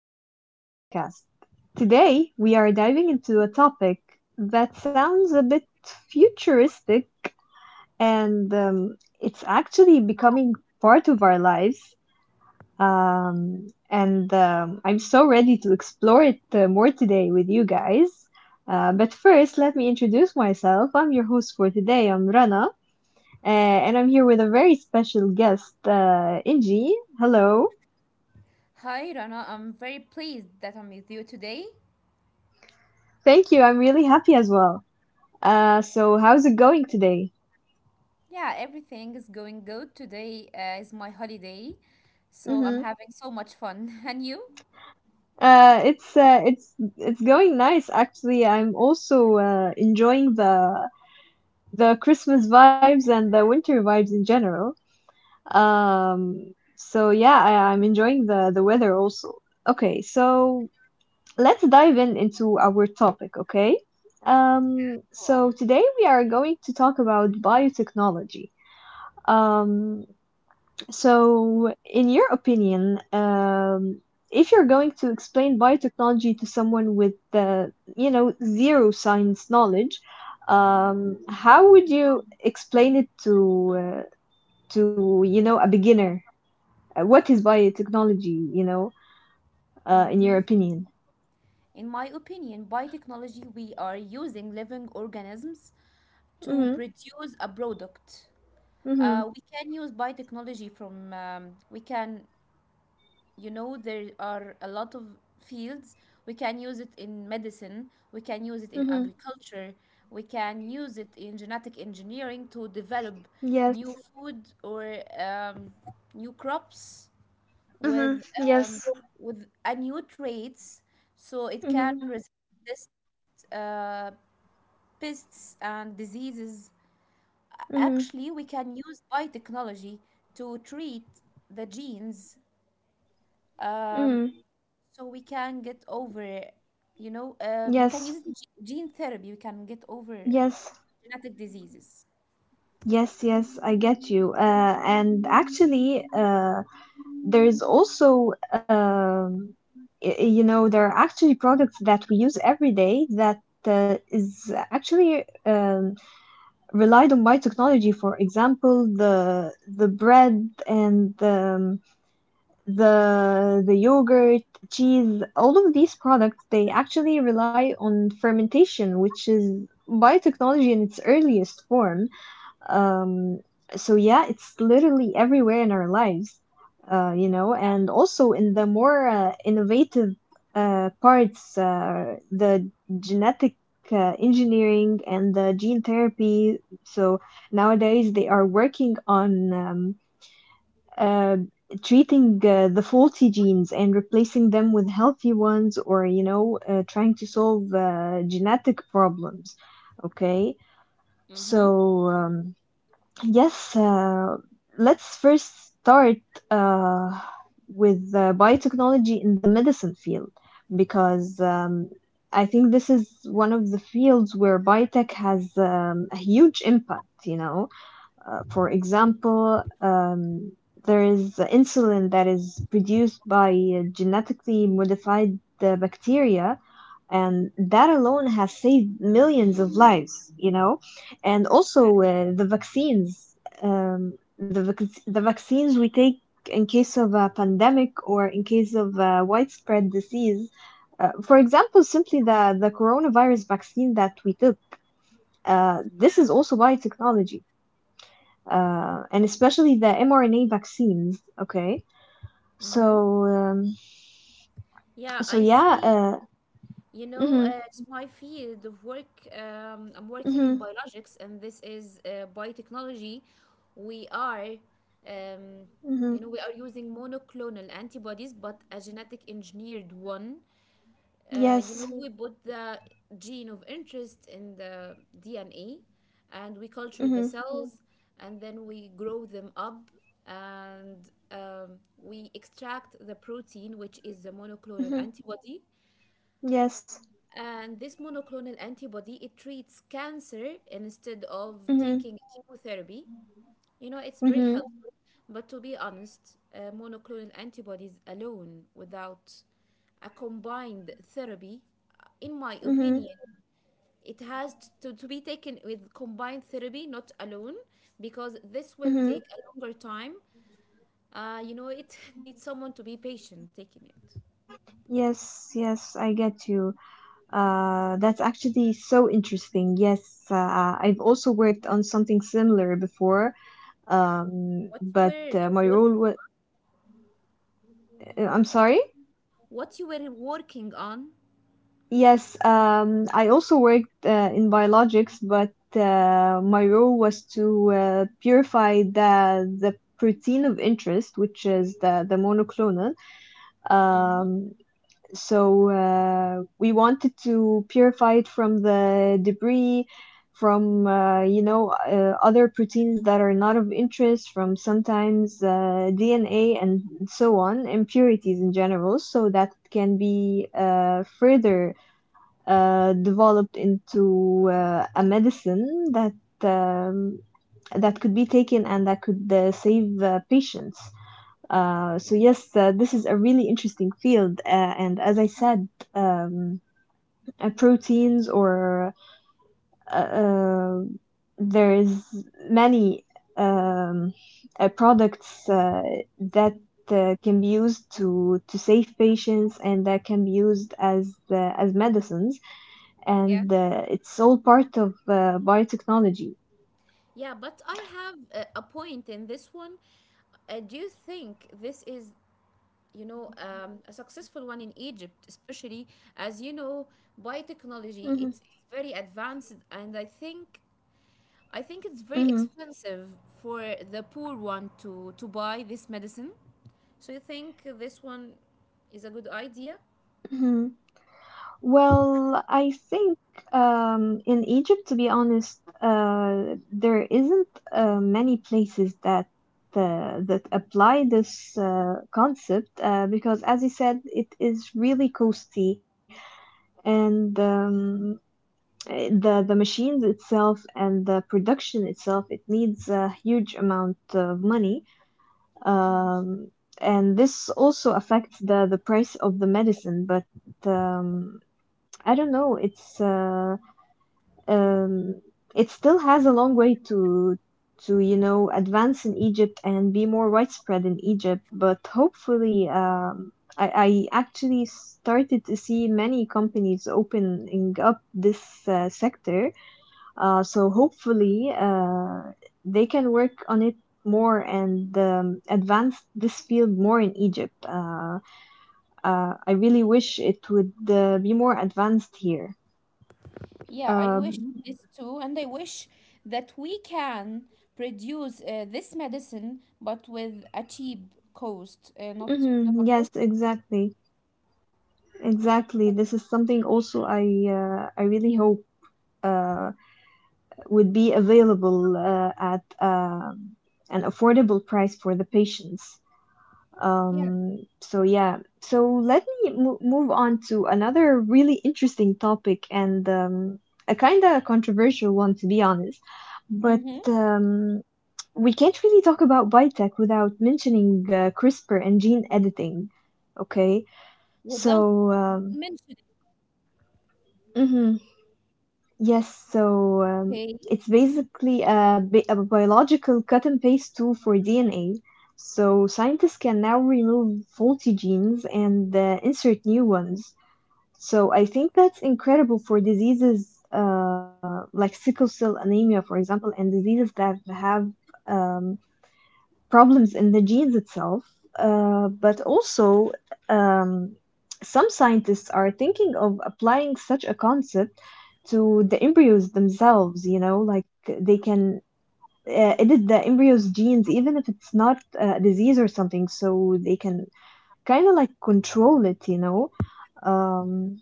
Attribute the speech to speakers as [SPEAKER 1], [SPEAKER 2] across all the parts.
[SPEAKER 1] back to my podcast. Today, we are diving into a topic that sounds a bit futuristic and it's actually becoming part of our lives. And I'm so ready to explore it more today with you guys. But first, let me introduce myself. I'm your host for today. I'm Rana, and I'm here with a very special guest, Inji. Hello.
[SPEAKER 2] Hi Rana, I'm very pleased that I'm with you today.
[SPEAKER 1] Thank you. I'm really happy as well. So how's it going today?
[SPEAKER 2] Yeah, everything is going good. Today is my holiday, so I'm
[SPEAKER 1] Mm-hmm.
[SPEAKER 2] having so much fun. And you?
[SPEAKER 1] It's going nice actually. I'm also enjoying the Christmas vibes and the winter vibes in general. So yeah, I'm enjoying the weather also. Okay, so let's dive in into our topic, okay? Um,
[SPEAKER 2] Go
[SPEAKER 1] so
[SPEAKER 2] on.
[SPEAKER 1] today we are going to talk about biotechnology. Um, So, in your opinion, if you're going to explain biotechnology to someone with you know zero science knowledge, how would you explain it to you know a beginner? What is biotechnology? You know, in your
[SPEAKER 2] Mm-hmm.
[SPEAKER 1] opinion.
[SPEAKER 2] In my opinion, biotechnology, we are using living organisms to
[SPEAKER 1] Mhm.
[SPEAKER 2] produce a product.
[SPEAKER 1] Mhm.
[SPEAKER 2] We can use biotechnology from we can there are a lot of fields. We can use it in medicine, we can use it in
[SPEAKER 1] Mhm.
[SPEAKER 2] agriculture, we can use it in genetic engineering to develop
[SPEAKER 1] Yes.
[SPEAKER 2] new food or new crops
[SPEAKER 1] Mhm.
[SPEAKER 2] with um,
[SPEAKER 1] Yes.
[SPEAKER 2] with a new traits, so it can
[SPEAKER 1] Mhm.
[SPEAKER 2] resist pests and diseases. Actually, we
[SPEAKER 1] Mhm.
[SPEAKER 2] can use biotechnology to treat the genes, um,
[SPEAKER 1] Mhm.
[SPEAKER 2] so we can get over we can
[SPEAKER 1] Yes.
[SPEAKER 2] use it in gene therapy. We can get over
[SPEAKER 1] Yes.
[SPEAKER 2] genetic diseases.
[SPEAKER 1] Yes, yes, I get you. And actually, there is also, you know, there are actually products that we use every day that is actually relied on by technology. For example, the bread and the yogurt, cheese, all of these products they actually rely on fermentation, which is biotechnology in its earliest form. Um, so yeah, it's literally everywhere in our lives, you know, and also in the more innovative parts, the genetic engineering and the gene therapy. So nowadays they are working on uh, treating the faulty genes and replacing them with healthy ones, or you know, trying to solve genetic problems. Okay, so. Um, Yes, uh, let's first start uh, with biotechnology in the medicine field because I think this is one of the fields where biotech has a huge impact, you know. For example, there is insulin that is produced by genetically modified bacteria, and that alone has saved millions of lives, you know? And also the vaccines, the vaccines we take in case of a pandemic or in case of a widespread disease. For example, simply the coronavirus vaccine that we took. This is also biotechnology and especially the mRNA vaccines. Okay,
[SPEAKER 2] Mm-hmm.
[SPEAKER 1] so um,
[SPEAKER 2] Yeah,
[SPEAKER 1] so
[SPEAKER 2] I
[SPEAKER 1] yeah,
[SPEAKER 2] see. You know,
[SPEAKER 1] hmm
[SPEAKER 2] it's my field of work. I'm working in
[SPEAKER 1] hmm
[SPEAKER 2] biologics, and this is biotechnology. We are, um,
[SPEAKER 1] hmm
[SPEAKER 2] we are using monoclonal antibodies, but a genetic engineered one. You know,
[SPEAKER 1] yes,
[SPEAKER 2] We put the gene of interest in the DNA and we culture the
[SPEAKER 1] hmm
[SPEAKER 2] Cells, and then we grow them up and we extract the protein, which is the monoclonal
[SPEAKER 1] hmm
[SPEAKER 2] antibody.
[SPEAKER 1] yes,
[SPEAKER 2] And this monoclonal antibody, it treats cancer instead of
[SPEAKER 1] hmm
[SPEAKER 2] taking chemotherapy. You know, it's very
[SPEAKER 1] hmm
[SPEAKER 2] helpful, but to be honest, monoclonal antibodies alone without a combined therapy, in my opinion,
[SPEAKER 1] hmm
[SPEAKER 2] it has to be taken with combined therapy, not alone, because this will
[SPEAKER 1] hmm
[SPEAKER 2] take a longer time. You know, it needs someone to be patient taking it.
[SPEAKER 1] yes, yes, I get you. That's actually so interesting. Yes, I've also worked on something similar before,
[SPEAKER 2] What you
[SPEAKER 1] but
[SPEAKER 2] were uh,
[SPEAKER 1] my
[SPEAKER 2] work,
[SPEAKER 1] role was, I'm sorry.
[SPEAKER 2] what you were working on?
[SPEAKER 1] Yes, I also worked in biologics, but my role was to purify the protein of interest, which is the monoclonal.
[SPEAKER 2] Hmm.
[SPEAKER 1] Um, we wanted to purify it from the debris, from you know other proteins that are not of interest, from sometimes DNA and so on, impurities in general, so that it can be further developed into a medicine that um, that could be taken and that could save patients. So yes, this is a really interesting field, and as I said, proteins or uh, uh, there is many um, products that can be used to save patients and that can be used as medicines
[SPEAKER 2] Yeah,
[SPEAKER 1] and it's all part of biotechnology.
[SPEAKER 2] yeah, but I have a point in this one. Do you think this is a successful one in Egypt, especially as you know biotechnology,
[SPEAKER 1] Mm-hmm.
[SPEAKER 2] it's very advanced, and I think it's very
[SPEAKER 1] Mm-hmm.
[SPEAKER 2] expensive for the poor one to buy this medicine. So you think this one is a good idea?
[SPEAKER 1] Mm-hmm. Well, I think in Egypt, to be honest, there isn't many places that that apply this concept because, as you said, it is really costly and the machines itself and the production itself it needs a huge amount of money. Um, and this also affects the price of the medicine, but um, I don't know. Um, it still has a long way to you know advance in Egypt and be more widespread in Egypt. But hopefully, I actually started to see many companies opening up this sector so hopefully they can work on it more and advance this field more in Egypt. I really wish it would be more advanced here.
[SPEAKER 2] Yeah, I wish
[SPEAKER 1] Um,
[SPEAKER 2] this too, and I wish that we can produce this medicine but with a cheap cost, not not a
[SPEAKER 1] mhm, yes,
[SPEAKER 2] cost you
[SPEAKER 1] exactly, exactly. This is something also I really hope uh, would be available at an affordable price for the patients.
[SPEAKER 2] yeah.
[SPEAKER 1] So yeah, so let me move on to another really interesting topic and a kind of controversial one, to be honest. But
[SPEAKER 2] Mm-hmm.
[SPEAKER 1] we can't really talk about biotech without mentioning CRISPR and gene editing. Okay,
[SPEAKER 2] Without
[SPEAKER 1] so
[SPEAKER 2] mentioning.
[SPEAKER 1] um, mhm. Yes,
[SPEAKER 2] Hey.
[SPEAKER 1] it's basically a biological cut and paste tool for DNA. So scientists can now remove faulty genes and insert new ones. So I think that's incredible for diseases like sickle cell anemia, for example, and diseases that have um, problems in the genes itself. But also, um, some scientists are thinking of applying such a concept to the embryos themselves, you know, like they can edit the embryo's genes even if it's not a disease or something, so they can kind of like control it, you know. Um,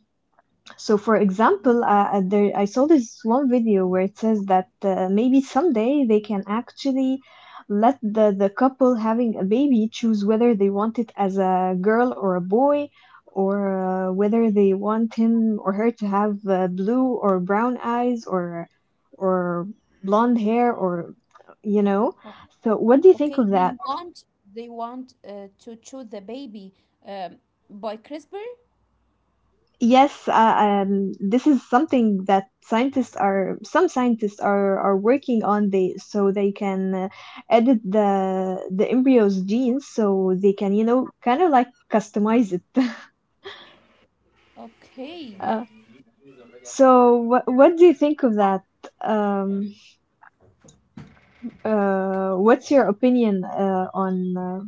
[SPEAKER 1] so, for example, there, I saw this one video where it says that maybe someday they can actually let the couple having a baby choose whether they want it as a girl or a boy, or whether they want him or her to have blue or brown eyes or blonde hair or you know. So, what do you
[SPEAKER 2] Okay,
[SPEAKER 1] think of that?
[SPEAKER 2] they want to choose the baby, um, by CRISPR.
[SPEAKER 1] Yes, this is something that some scientists are working on. They so they can edit the embryo's genes, so they can, you know, kind of like customize it.
[SPEAKER 2] Okay,
[SPEAKER 1] Uh, so what do you think of that? Um, what's your opinion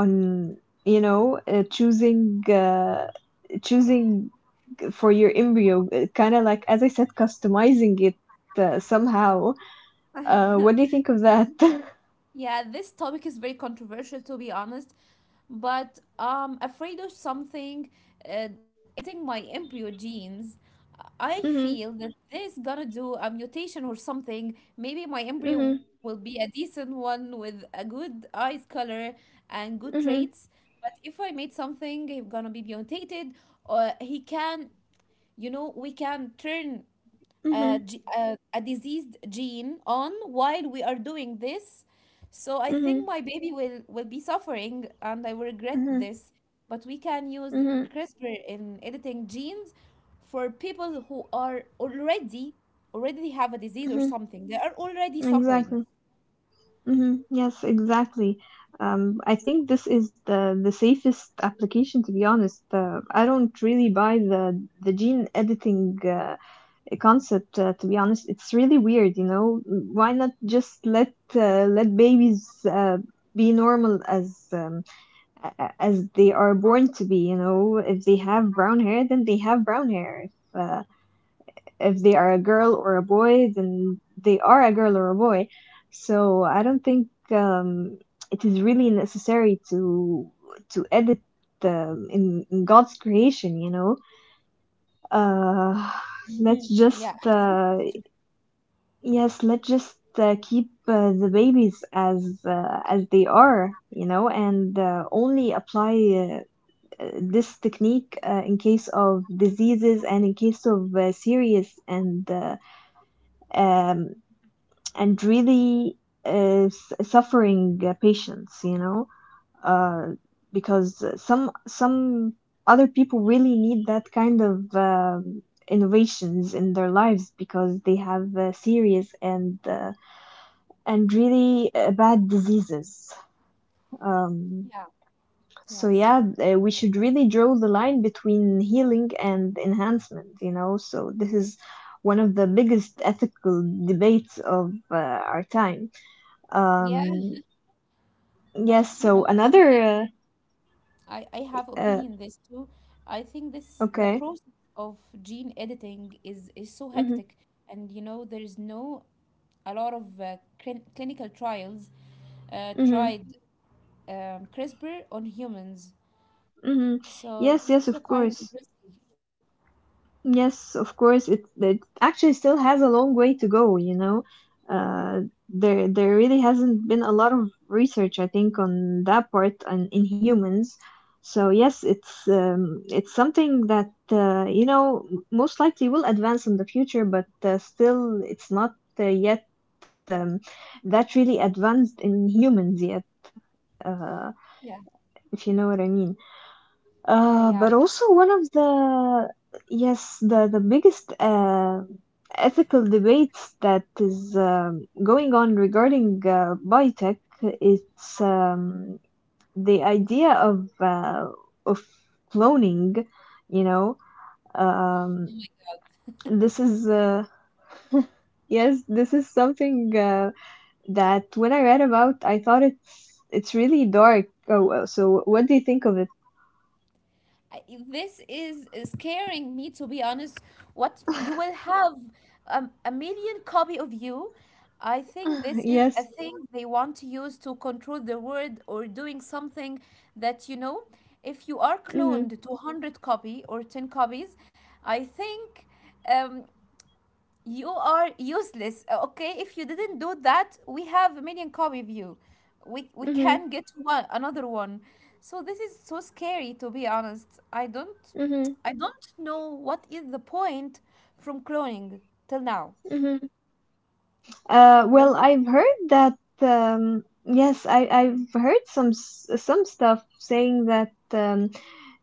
[SPEAKER 1] on you know choosing for your embryo, kind of like as I said, customizing it somehow? What do you think of that?
[SPEAKER 2] yeah, this topic is very controversial, to be honest, but I'm afraid of something. Editing my embryo genes, I
[SPEAKER 1] Mhm,
[SPEAKER 2] feel that this gonna do a mutation or something. Maybe my embryo
[SPEAKER 1] mhm,
[SPEAKER 2] will be a decent one with a good eyes color and good
[SPEAKER 1] mhm,
[SPEAKER 2] traits. But if I made something, it's gonna be mutated, or he can. You know, we can turn
[SPEAKER 1] mhm,
[SPEAKER 2] a diseased gene on while we are doing this. So I think
[SPEAKER 1] mhm,
[SPEAKER 2] my baby will be suffering, and I will regret
[SPEAKER 1] mhm,
[SPEAKER 2] this. But we can use
[SPEAKER 1] mhm,
[SPEAKER 2] CRISPR in editing genes for people who are already have a disease or
[SPEAKER 1] mhm.
[SPEAKER 2] something. They are already suffering.
[SPEAKER 1] Exactly. Mhm. Yes, exactly. I think this is the safest application, to be honest. I don't really buy the gene editing concept, to be honest. It's really weird, you know. Why not just let let babies uh, be normal as a- as they are born to be. You know, if they have brown hair, then they have brown hair. If they are a girl or a boy, then they are a girl or a boy. So I don't think it is really necessary to edit in God's creation. You know, uh,
[SPEAKER 2] Mhm.
[SPEAKER 1] let's
[SPEAKER 2] Yeah, I
[SPEAKER 1] just
[SPEAKER 2] see this too.
[SPEAKER 1] yes, let's just. Keep the babies as they are, you know, and only apply uh, this technique in case of diseases and in case of serious and um, and really uh, suffering patients you know uh, because some other people really need that kind of innovations in their lives because they have serious and and really bad diseases um,
[SPEAKER 2] Yeah,
[SPEAKER 1] So
[SPEAKER 2] yes.
[SPEAKER 1] yeah, we should really draw the line between healing and enhancement, you know. So this is one of the biggest ethical debates of our time.
[SPEAKER 2] Yeah,
[SPEAKER 1] Um,
[SPEAKER 2] but
[SPEAKER 1] yes.
[SPEAKER 2] you know
[SPEAKER 1] So another.
[SPEAKER 2] something. I have
[SPEAKER 1] Uh,
[SPEAKER 2] opinion on this too. I think this the
[SPEAKER 1] okay.
[SPEAKER 2] process of gene editing is so
[SPEAKER 1] Mhm.
[SPEAKER 2] hectic, and you know there is no a lot of clinical trials
[SPEAKER 1] Mhm.
[SPEAKER 2] tried, CRISPR on humans.
[SPEAKER 1] Mhm.
[SPEAKER 2] So this is a
[SPEAKER 1] Yes. Yes.
[SPEAKER 2] kind of
[SPEAKER 1] Of course.
[SPEAKER 2] risky.
[SPEAKER 1] Yes, of course, it actually still has a long way to go, you know. Uh, there there really hasn't been a lot of research, I think, on that part and in humans. So yes, it's something that you know most likely will advance in the future, but still it's not yet um, that really advanced in humans yet, uh,
[SPEAKER 2] Yeah,
[SPEAKER 1] if you know what I mean.
[SPEAKER 2] yeah,
[SPEAKER 1] Uh,
[SPEAKER 2] yeah.
[SPEAKER 1] but also one of the yes the biggest ethical debates that is going on regarding biotech it's the idea of of cloning you know um, this is yes this is something that when I read about I thought it's really dark oh well, so what do you think of it
[SPEAKER 2] I- this is scaring me, to be honest. What you will have, a million copy of you. I think this is
[SPEAKER 1] yes
[SPEAKER 2] a thing they want to use to control the world or doing something that you know. If you are
[SPEAKER 1] mm-hmm,
[SPEAKER 2] cloned to 100 copy or 10 copies, I think um, you are useless. Okay, if you didn't do that, we have a million copy of you. We
[SPEAKER 1] mm-hmm,
[SPEAKER 2] can get one another one. So this is so scary, to be honest.
[SPEAKER 1] mm-hmm,
[SPEAKER 2] I don't know what is the point from cloning till now.
[SPEAKER 1] Mm-hmm.
[SPEAKER 2] So
[SPEAKER 1] Well,
[SPEAKER 2] what do you.
[SPEAKER 1] I've heard that. Yes, I've heard some some stuff saying that um,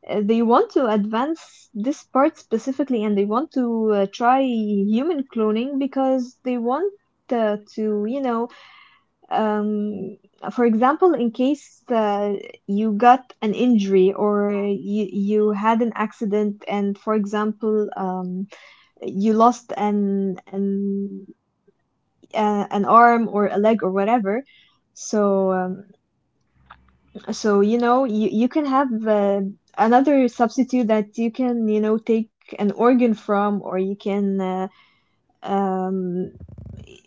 [SPEAKER 1] uh, they want to advance this part specifically, and they want to try human cloning because they want. To you know um for example in case you got an injury or you had an accident and for example you lost an arm or a leg or whatever. So um, so you know you can have another substitute that you can, you know, take an organ from, or you can, um,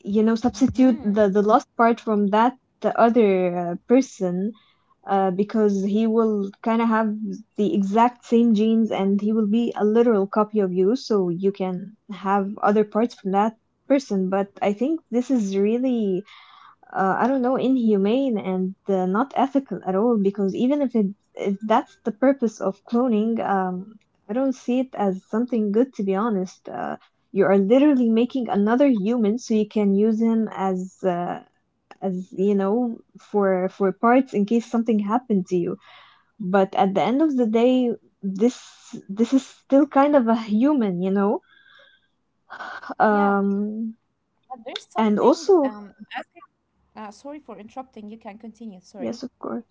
[SPEAKER 1] you know,
[SPEAKER 2] Hmm.
[SPEAKER 1] substitute the last part from that the other person, because he will kind of have the exact same genes, and he will be a literal copy of you, so you can have other parts from that person. But I think this is really, I don't know, inhumane and not ethical at all. Because even if it, if that's the purpose of cloning, I don't see it as something good. To be honest, you are literally making another human so you can use him as, as you know, for parts in case something happened to you. But at the end of the day, this this is still kind of a human, you know.
[SPEAKER 2] Yeah.
[SPEAKER 1] Um,
[SPEAKER 2] But there's
[SPEAKER 1] and
[SPEAKER 2] something
[SPEAKER 1] also,
[SPEAKER 2] I'm asking, sorry for interrupting. You can continue.
[SPEAKER 1] yes, of
[SPEAKER 2] Sorry.
[SPEAKER 1] course.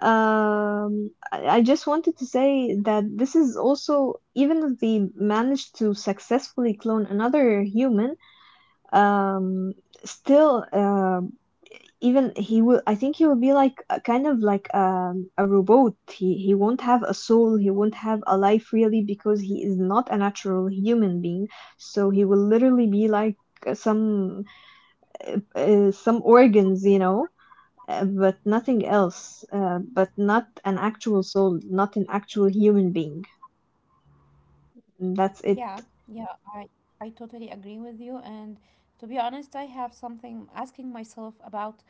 [SPEAKER 1] I just wanted to say that this is also, even if they managed to successfully clone another human, um, still, even he will, I think he will be like a kind of like a robot. He won't have a soul. He won't have a life really, because he is not a natural human being. So he will literally be like uh, some some organs, you know, but nothing else, but not an actual soul, not an actual human being. That's it.
[SPEAKER 2] Yeah. Yeah, I totally agree with you, and to be honest, I have something asking myself about.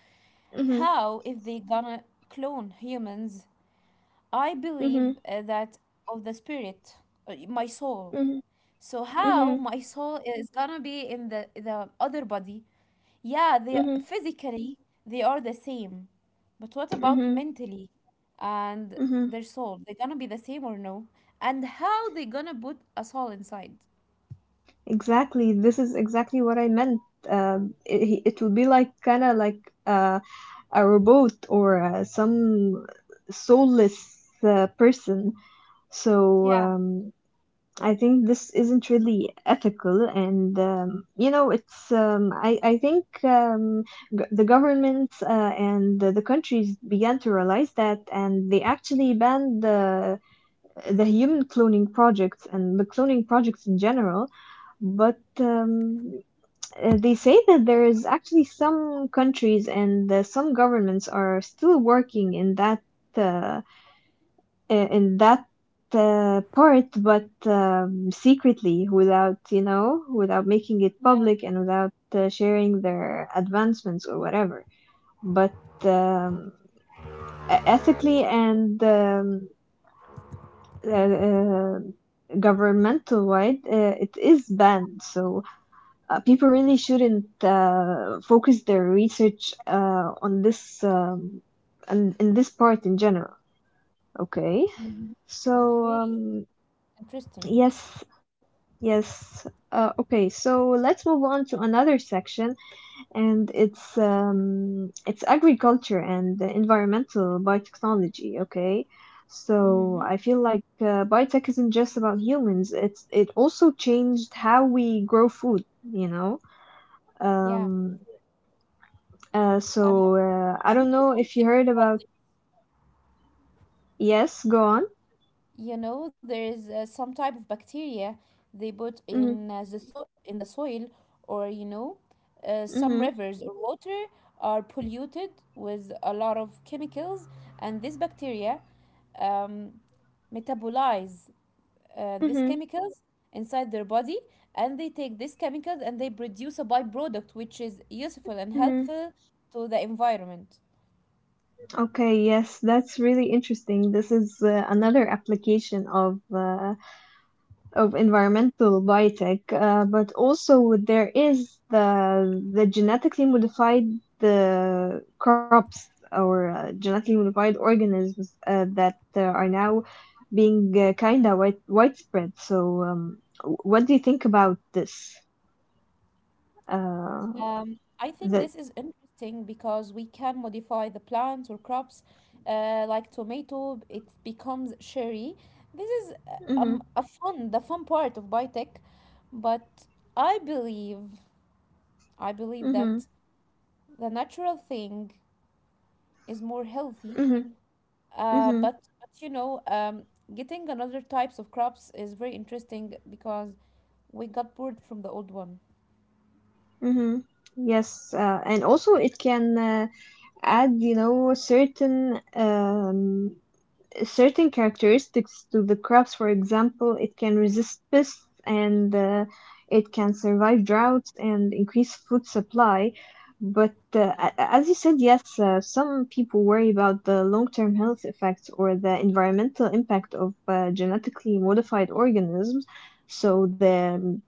[SPEAKER 1] Mhm,
[SPEAKER 2] How if they gonna clone humans? I
[SPEAKER 1] mhm,
[SPEAKER 2] believe that of the spirit, my soul.
[SPEAKER 1] mhm,
[SPEAKER 2] So how
[SPEAKER 1] mhm,
[SPEAKER 2] my soul is gonna be in the other body? Yeah, they
[SPEAKER 1] mhm,
[SPEAKER 2] physically they are the same, but what about
[SPEAKER 1] mhm,
[SPEAKER 2] mentally and
[SPEAKER 1] mhm.
[SPEAKER 2] their soul? They're gonna be the same or no? And how they gonna put a soul inside?
[SPEAKER 1] Exactly. This is exactly what I meant. It will be like kind of like uh, a robot or some soulless person. So
[SPEAKER 2] Yeah,
[SPEAKER 1] um, I think this isn't really ethical, and you know, it's. I think the governments and the countries began to realize that, and they actually banned the human cloning projects and the cloning projects in general. But they say that there is actually some countries and some governments are still working in that. Uh, in that part, but secretly, without, you know, without making it
[SPEAKER 2] yeah.
[SPEAKER 1] public and without sharing their advancements or whatever. But um, ethically and uh, uh, governmental wide, it is banned. So people really shouldn't focus their research on this, and in this part in general. Okay,
[SPEAKER 2] Mhm.
[SPEAKER 1] so
[SPEAKER 2] Okay,
[SPEAKER 1] um,
[SPEAKER 2] interesting.
[SPEAKER 1] yes. Yes. Okay, so let's move on to another section, and it's, it's agriculture and the environmental biotechnology. Okay, so I
[SPEAKER 2] Mm-hmm.
[SPEAKER 1] feel like biotech isn't just about humans. It also changed how we grow food. You know.
[SPEAKER 2] Yeah.
[SPEAKER 1] Um. So
[SPEAKER 2] Um,
[SPEAKER 1] I don't
[SPEAKER 2] I
[SPEAKER 1] know
[SPEAKER 2] know
[SPEAKER 1] if you
[SPEAKER 2] something
[SPEAKER 1] heard about.
[SPEAKER 2] about,
[SPEAKER 1] Yes. Go on.
[SPEAKER 2] you know, there is some type of bacteria they put
[SPEAKER 1] Mm-hmm.
[SPEAKER 2] in the in the soil, or you know some
[SPEAKER 1] Mm-hmm.
[SPEAKER 2] rivers or water are polluted with a lot of chemicals, and these bacteria, um, metabolize these
[SPEAKER 1] Mm-hmm.
[SPEAKER 2] chemicals inside their body, and they take these chemicals and they produce a byproduct which is useful and helpful to the environment.
[SPEAKER 1] Okay, yes, that's really interesting. This is another application of environmental biotech, but also there is the genetically modified the crops or genetically modified organisms that are now being kind of widespread. So what do you think about this? Uh,
[SPEAKER 2] I think this
[SPEAKER 1] that.
[SPEAKER 2] is interesting because we can modify the plants or crops, like tomato, it becomes cherry. This is
[SPEAKER 1] Mm-hmm,
[SPEAKER 2] a fun, the fun part of biotech, but I believe, I believe
[SPEAKER 1] mm-hmm,
[SPEAKER 2] that the natural thing is more healthy.
[SPEAKER 1] mm-hmm, mm-hmm,
[SPEAKER 2] But you know, getting another types of crops is very interesting because we got bored from the old one.
[SPEAKER 1] mm-hmm. Yes, and also it can add, you know, certain, certain characteristics to the crops. For example, it can resist pests and it can survive droughts and increase food supply. But as you said, yes, some people worry about the long-term health effects or the environmental impact of genetically modified organisms. So the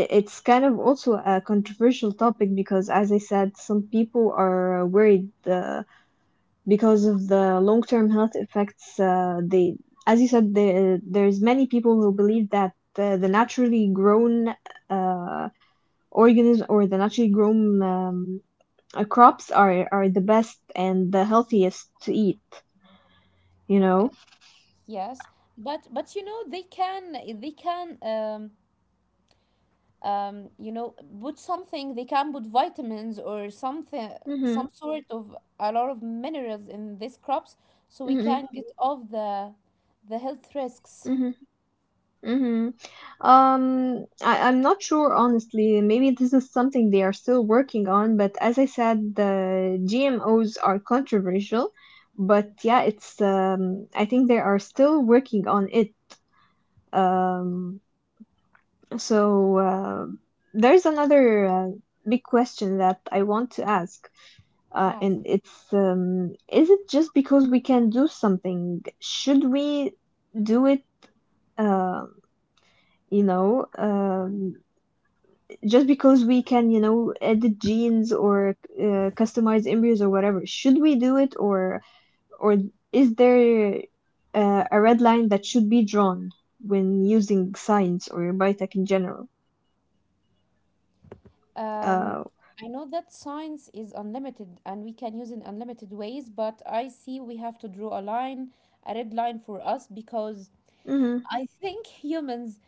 [SPEAKER 1] i- it's kind of also a controversial topic, because as I said, some people are worried because of the long-term health effects. They, as you said, there's many people who believe that the naturally grown uh, organism, or the naturally grown crops, are the best and the healthiest to eat, you know.
[SPEAKER 2] Yes, but you know they can they can um um you know put something. They can put vitamins or something,
[SPEAKER 1] Mhm,
[SPEAKER 2] some sort of a lot of minerals in these crops, so we
[SPEAKER 1] mhm,
[SPEAKER 2] can get off the health risks.
[SPEAKER 1] mhm, mhm. I'm not sure honestly. Maybe this is something they are still working on, but as I said, the GMOs are controversial. But yeah, it's, I think they are still working on it. Um, so uh, there's another big question that I want to ask,
[SPEAKER 2] Ah,
[SPEAKER 1] and it's, is it just because we can do something? Should we do it? Uh, you know, just because we can, you know, edit genes or customize embryos or whatever, should we do it, or is there a red line that should be drawn when using science or biotech in general?
[SPEAKER 2] um,
[SPEAKER 1] Uh,
[SPEAKER 2] I know that science is unlimited and we can use it in unlimited ways, but I see we have to draw a line, a red line for us, because
[SPEAKER 1] mm-hmm,
[SPEAKER 2] I think humans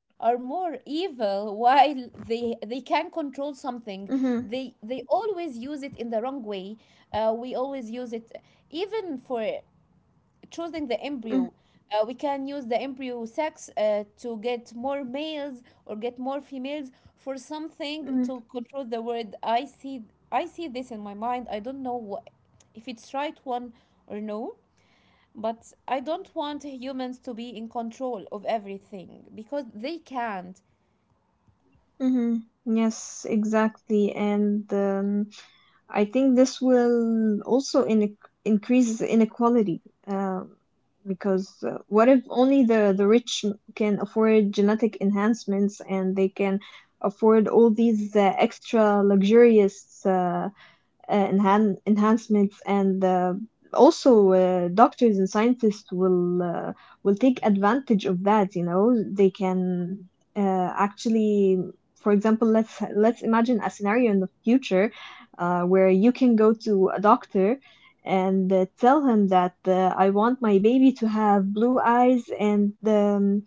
[SPEAKER 2] are more evil while they can control something.
[SPEAKER 1] mm-hmm,
[SPEAKER 2] They always use it in the wrong way. We always use it, even for choosing the
[SPEAKER 1] mm-hmm,
[SPEAKER 2] embryo. We can use the embryo sex to get more males or get more females for something
[SPEAKER 1] mm-hmm,
[SPEAKER 2] to control the world. I see, I see this in my mind. I don't know what, if it's right one or no, but I don't want humans to be in control of everything, because they can't.
[SPEAKER 1] mm-hmm. Yes, exactly. And I think this will also increase inequality, uh, because, what if only the rich can afford genetic enhancements, and they can afford all these extra luxurious enhancements, and also doctors and scientists will, will take advantage of that. You know, they can, actually, for example, let's imagine a scenario in the future where you can go to a doctor and tell him that, I want my baby to have blue eyes and, um,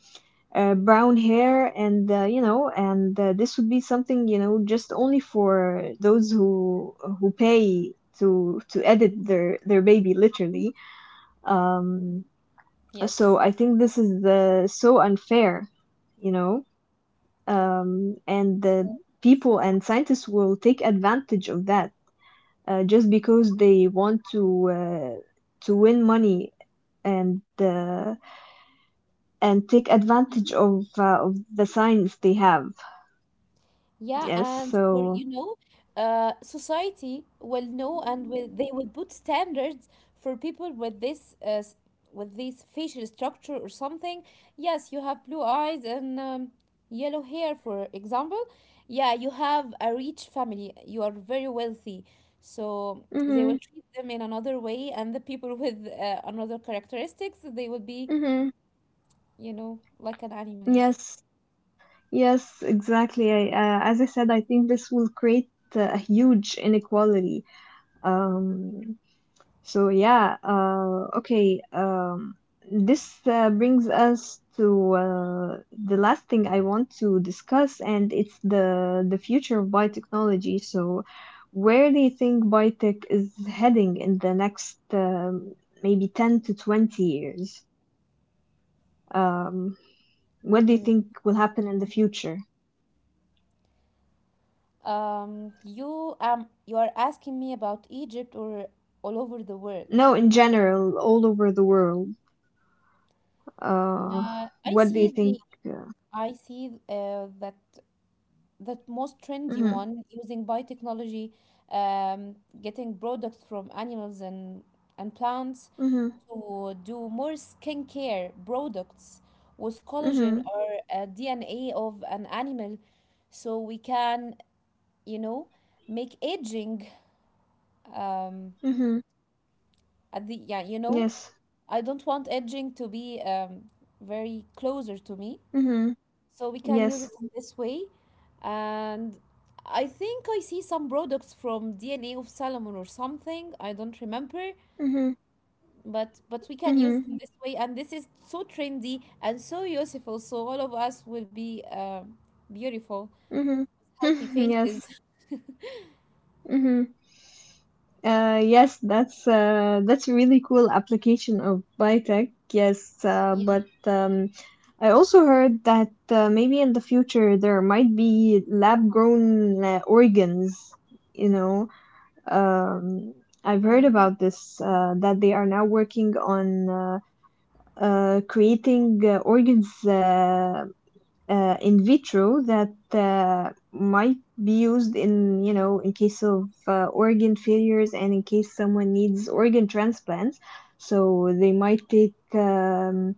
[SPEAKER 1] uh, brown hair, and you know, and this would be something, you know, just only for those who pay to edit their baby literally. um so
[SPEAKER 2] Yes.
[SPEAKER 1] I think this is the so unfair, you know. And the people and scientists will take advantage of that, just because they want to, to win money and, and take advantage of, of the science they have.
[SPEAKER 2] Yeah,
[SPEAKER 1] Yes,
[SPEAKER 2] and for
[SPEAKER 1] so,
[SPEAKER 2] you know, society will know and will they will put standards for people with this with this facial structure or something. Yes, you have blue eyes and yellow hair, for example. Yeah, you have a rich family. You are very wealthy, so they
[SPEAKER 1] mhm,
[SPEAKER 2] will treat them in another way, and the people with another characteristics they will be,
[SPEAKER 1] mhm.
[SPEAKER 2] you know, like an animals.
[SPEAKER 1] Yes, yes, exactly. As I said, I think this will create a huge inequality. um so yeah uh okay um this brings us to the last thing I want to discuss, and it's the future of biotechnology. So where do you think biotech is heading in the next, maybe 10 to 20 years? um What do you
[SPEAKER 2] Mm.
[SPEAKER 1] think will happen in the future?
[SPEAKER 2] You are asking me about Egypt or all over the world?
[SPEAKER 1] No, in general, all over the world. Uh,
[SPEAKER 2] I
[SPEAKER 1] what do you
[SPEAKER 2] see
[SPEAKER 1] think?
[SPEAKER 2] the,
[SPEAKER 1] Uh,
[SPEAKER 2] I see that that most trendy
[SPEAKER 1] mhm,
[SPEAKER 2] one using biotechnology, um, getting products from animals and plants
[SPEAKER 1] mhm,
[SPEAKER 2] to do more skincare products with collagen
[SPEAKER 1] mhm,
[SPEAKER 2] or DNA of an animal, so we can you know make aging, um,
[SPEAKER 1] mhm.
[SPEAKER 2] at the yeah you know.
[SPEAKER 1] Yes.
[SPEAKER 2] I don't want edging to be, very closer to me.
[SPEAKER 1] Mhm.
[SPEAKER 2] So we can use it
[SPEAKER 1] Yes.
[SPEAKER 2] in this way. And I think I see some products from DNA of Salomon or something. I don't remember.
[SPEAKER 1] Mhm.
[SPEAKER 2] But we can use it
[SPEAKER 1] Mhm.
[SPEAKER 2] in this way. And this is so trendy and so useful. So all of us will be beautiful,
[SPEAKER 1] Mhm.
[SPEAKER 2] healthy
[SPEAKER 1] yes.
[SPEAKER 2] faces.
[SPEAKER 1] Mhm. Yes, that's a really cool application of biotech. Yes,
[SPEAKER 2] Yeah.
[SPEAKER 1] but I also heard that maybe in the future there might be lab-grown organs. You know, Um, I've heard
[SPEAKER 2] Mm-hmm.
[SPEAKER 1] about this, that they are now working on, creating organs, in vitro, that might be used in, you know, in case of organ failures, and in case someone needs organ transplants. So they might take,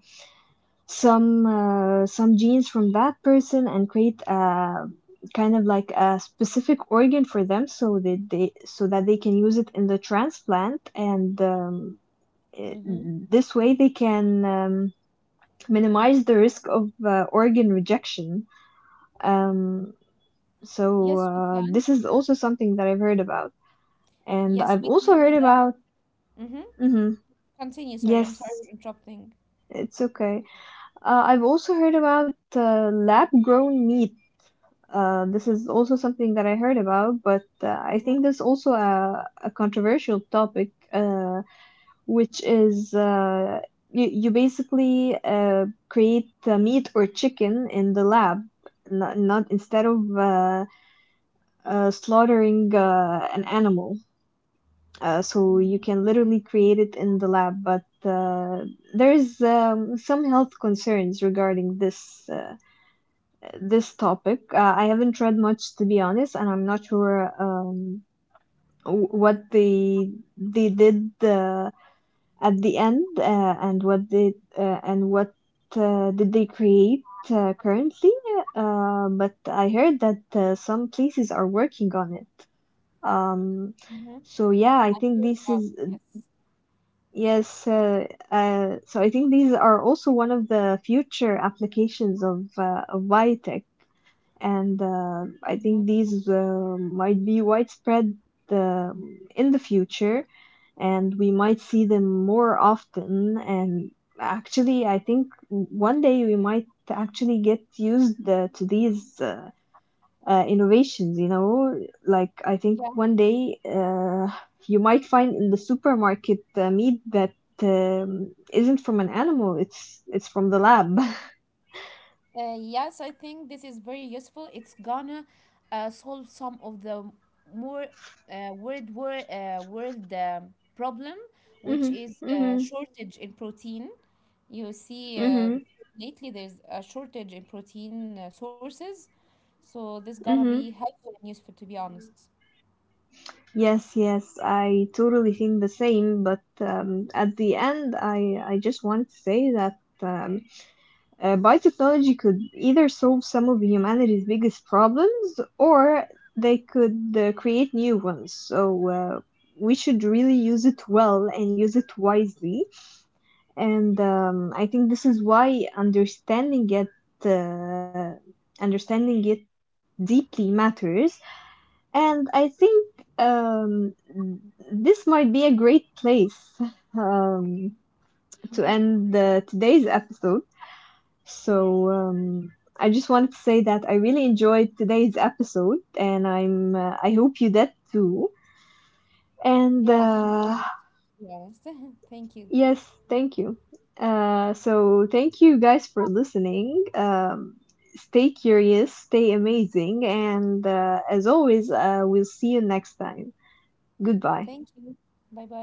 [SPEAKER 1] some, some genes from that person, and create a kind of like a specific organ for them, so that they, so that they can use it in the transplant, and it,
[SPEAKER 2] Mm-hmm.
[SPEAKER 1] this way they can, minimize the risk of organ rejection. um, so
[SPEAKER 2] Yes, we can.
[SPEAKER 1] this is also something that I've heard about, and
[SPEAKER 2] Yes,
[SPEAKER 1] I've
[SPEAKER 2] we
[SPEAKER 1] also
[SPEAKER 2] can do
[SPEAKER 1] heard
[SPEAKER 2] that.
[SPEAKER 1] about,
[SPEAKER 2] Mm-hmm.
[SPEAKER 1] hmm,
[SPEAKER 2] Continue. Sorry, I'm
[SPEAKER 1] yes,
[SPEAKER 2] sorry for interrupting.
[SPEAKER 1] it's okay, I've also heard about lab grown meat. This is also something that I heard about, but I
[SPEAKER 2] Mm-hmm.
[SPEAKER 1] think there's also a controversial topic, which is, you basically create meat or chicken in the lab, not instead of, slaughtering an animal. So
[SPEAKER 2] Mm-hmm.
[SPEAKER 1] you can literally create it in the lab, but there's, some health concerns regarding this. This topic. I haven't read much, to be honest, and I'm not sure, what they did, at the end, and what they, and what, did they create, currently. But I heard that some places are working on it. Um,
[SPEAKER 2] Mm-hmm. I
[SPEAKER 1] so yeah, I think
[SPEAKER 2] heard
[SPEAKER 1] this
[SPEAKER 2] about
[SPEAKER 1] is,
[SPEAKER 2] it, yes.
[SPEAKER 1] yes. So I think these are also one of the future applications of biotech, and I
[SPEAKER 2] Mm-hmm.
[SPEAKER 1] think these might be widespread in the future, and we might see them more often. And actually, I think one day we might actually get used, to these, innovations. You know, like, I think
[SPEAKER 2] Yeah.
[SPEAKER 1] one day, you might find in the supermarket meat that. Isn't from an animal, it's from the lab.
[SPEAKER 2] Yes, I think this is very useful. It's gonna solve some of the more world problem, which
[SPEAKER 1] mhm,
[SPEAKER 2] is
[SPEAKER 1] mhm,
[SPEAKER 2] shortage in protein. You see,
[SPEAKER 1] mhm,
[SPEAKER 2] lately there's a shortage in protein sources, so this gonna be
[SPEAKER 1] mhm.
[SPEAKER 2] helpful and useful, to be honest.
[SPEAKER 1] Yes, yes, I totally think the same, but at the end, I just want to say that, um, biotechnology could either solve some of humanity's biggest problems, or they could create new ones. So we should really use it well, and use it wisely. And I think this is why uh, understanding it deeply matters. And I think um, this might be a great place, um,
[SPEAKER 2] Mm-hmm.
[SPEAKER 1] to end the, today's episode. So I just wanted to say that I really enjoyed today's episode, and I'm, I hope you did too.
[SPEAKER 2] Yeah,
[SPEAKER 1] And
[SPEAKER 2] I enjoyed it, to be honest. Thank you.
[SPEAKER 1] yes, thank you. So thank you guys for listening. Stay curious, stay amazing, and, as always, we'll see you next time. Goodbye.
[SPEAKER 2] Thank you. Bye bye.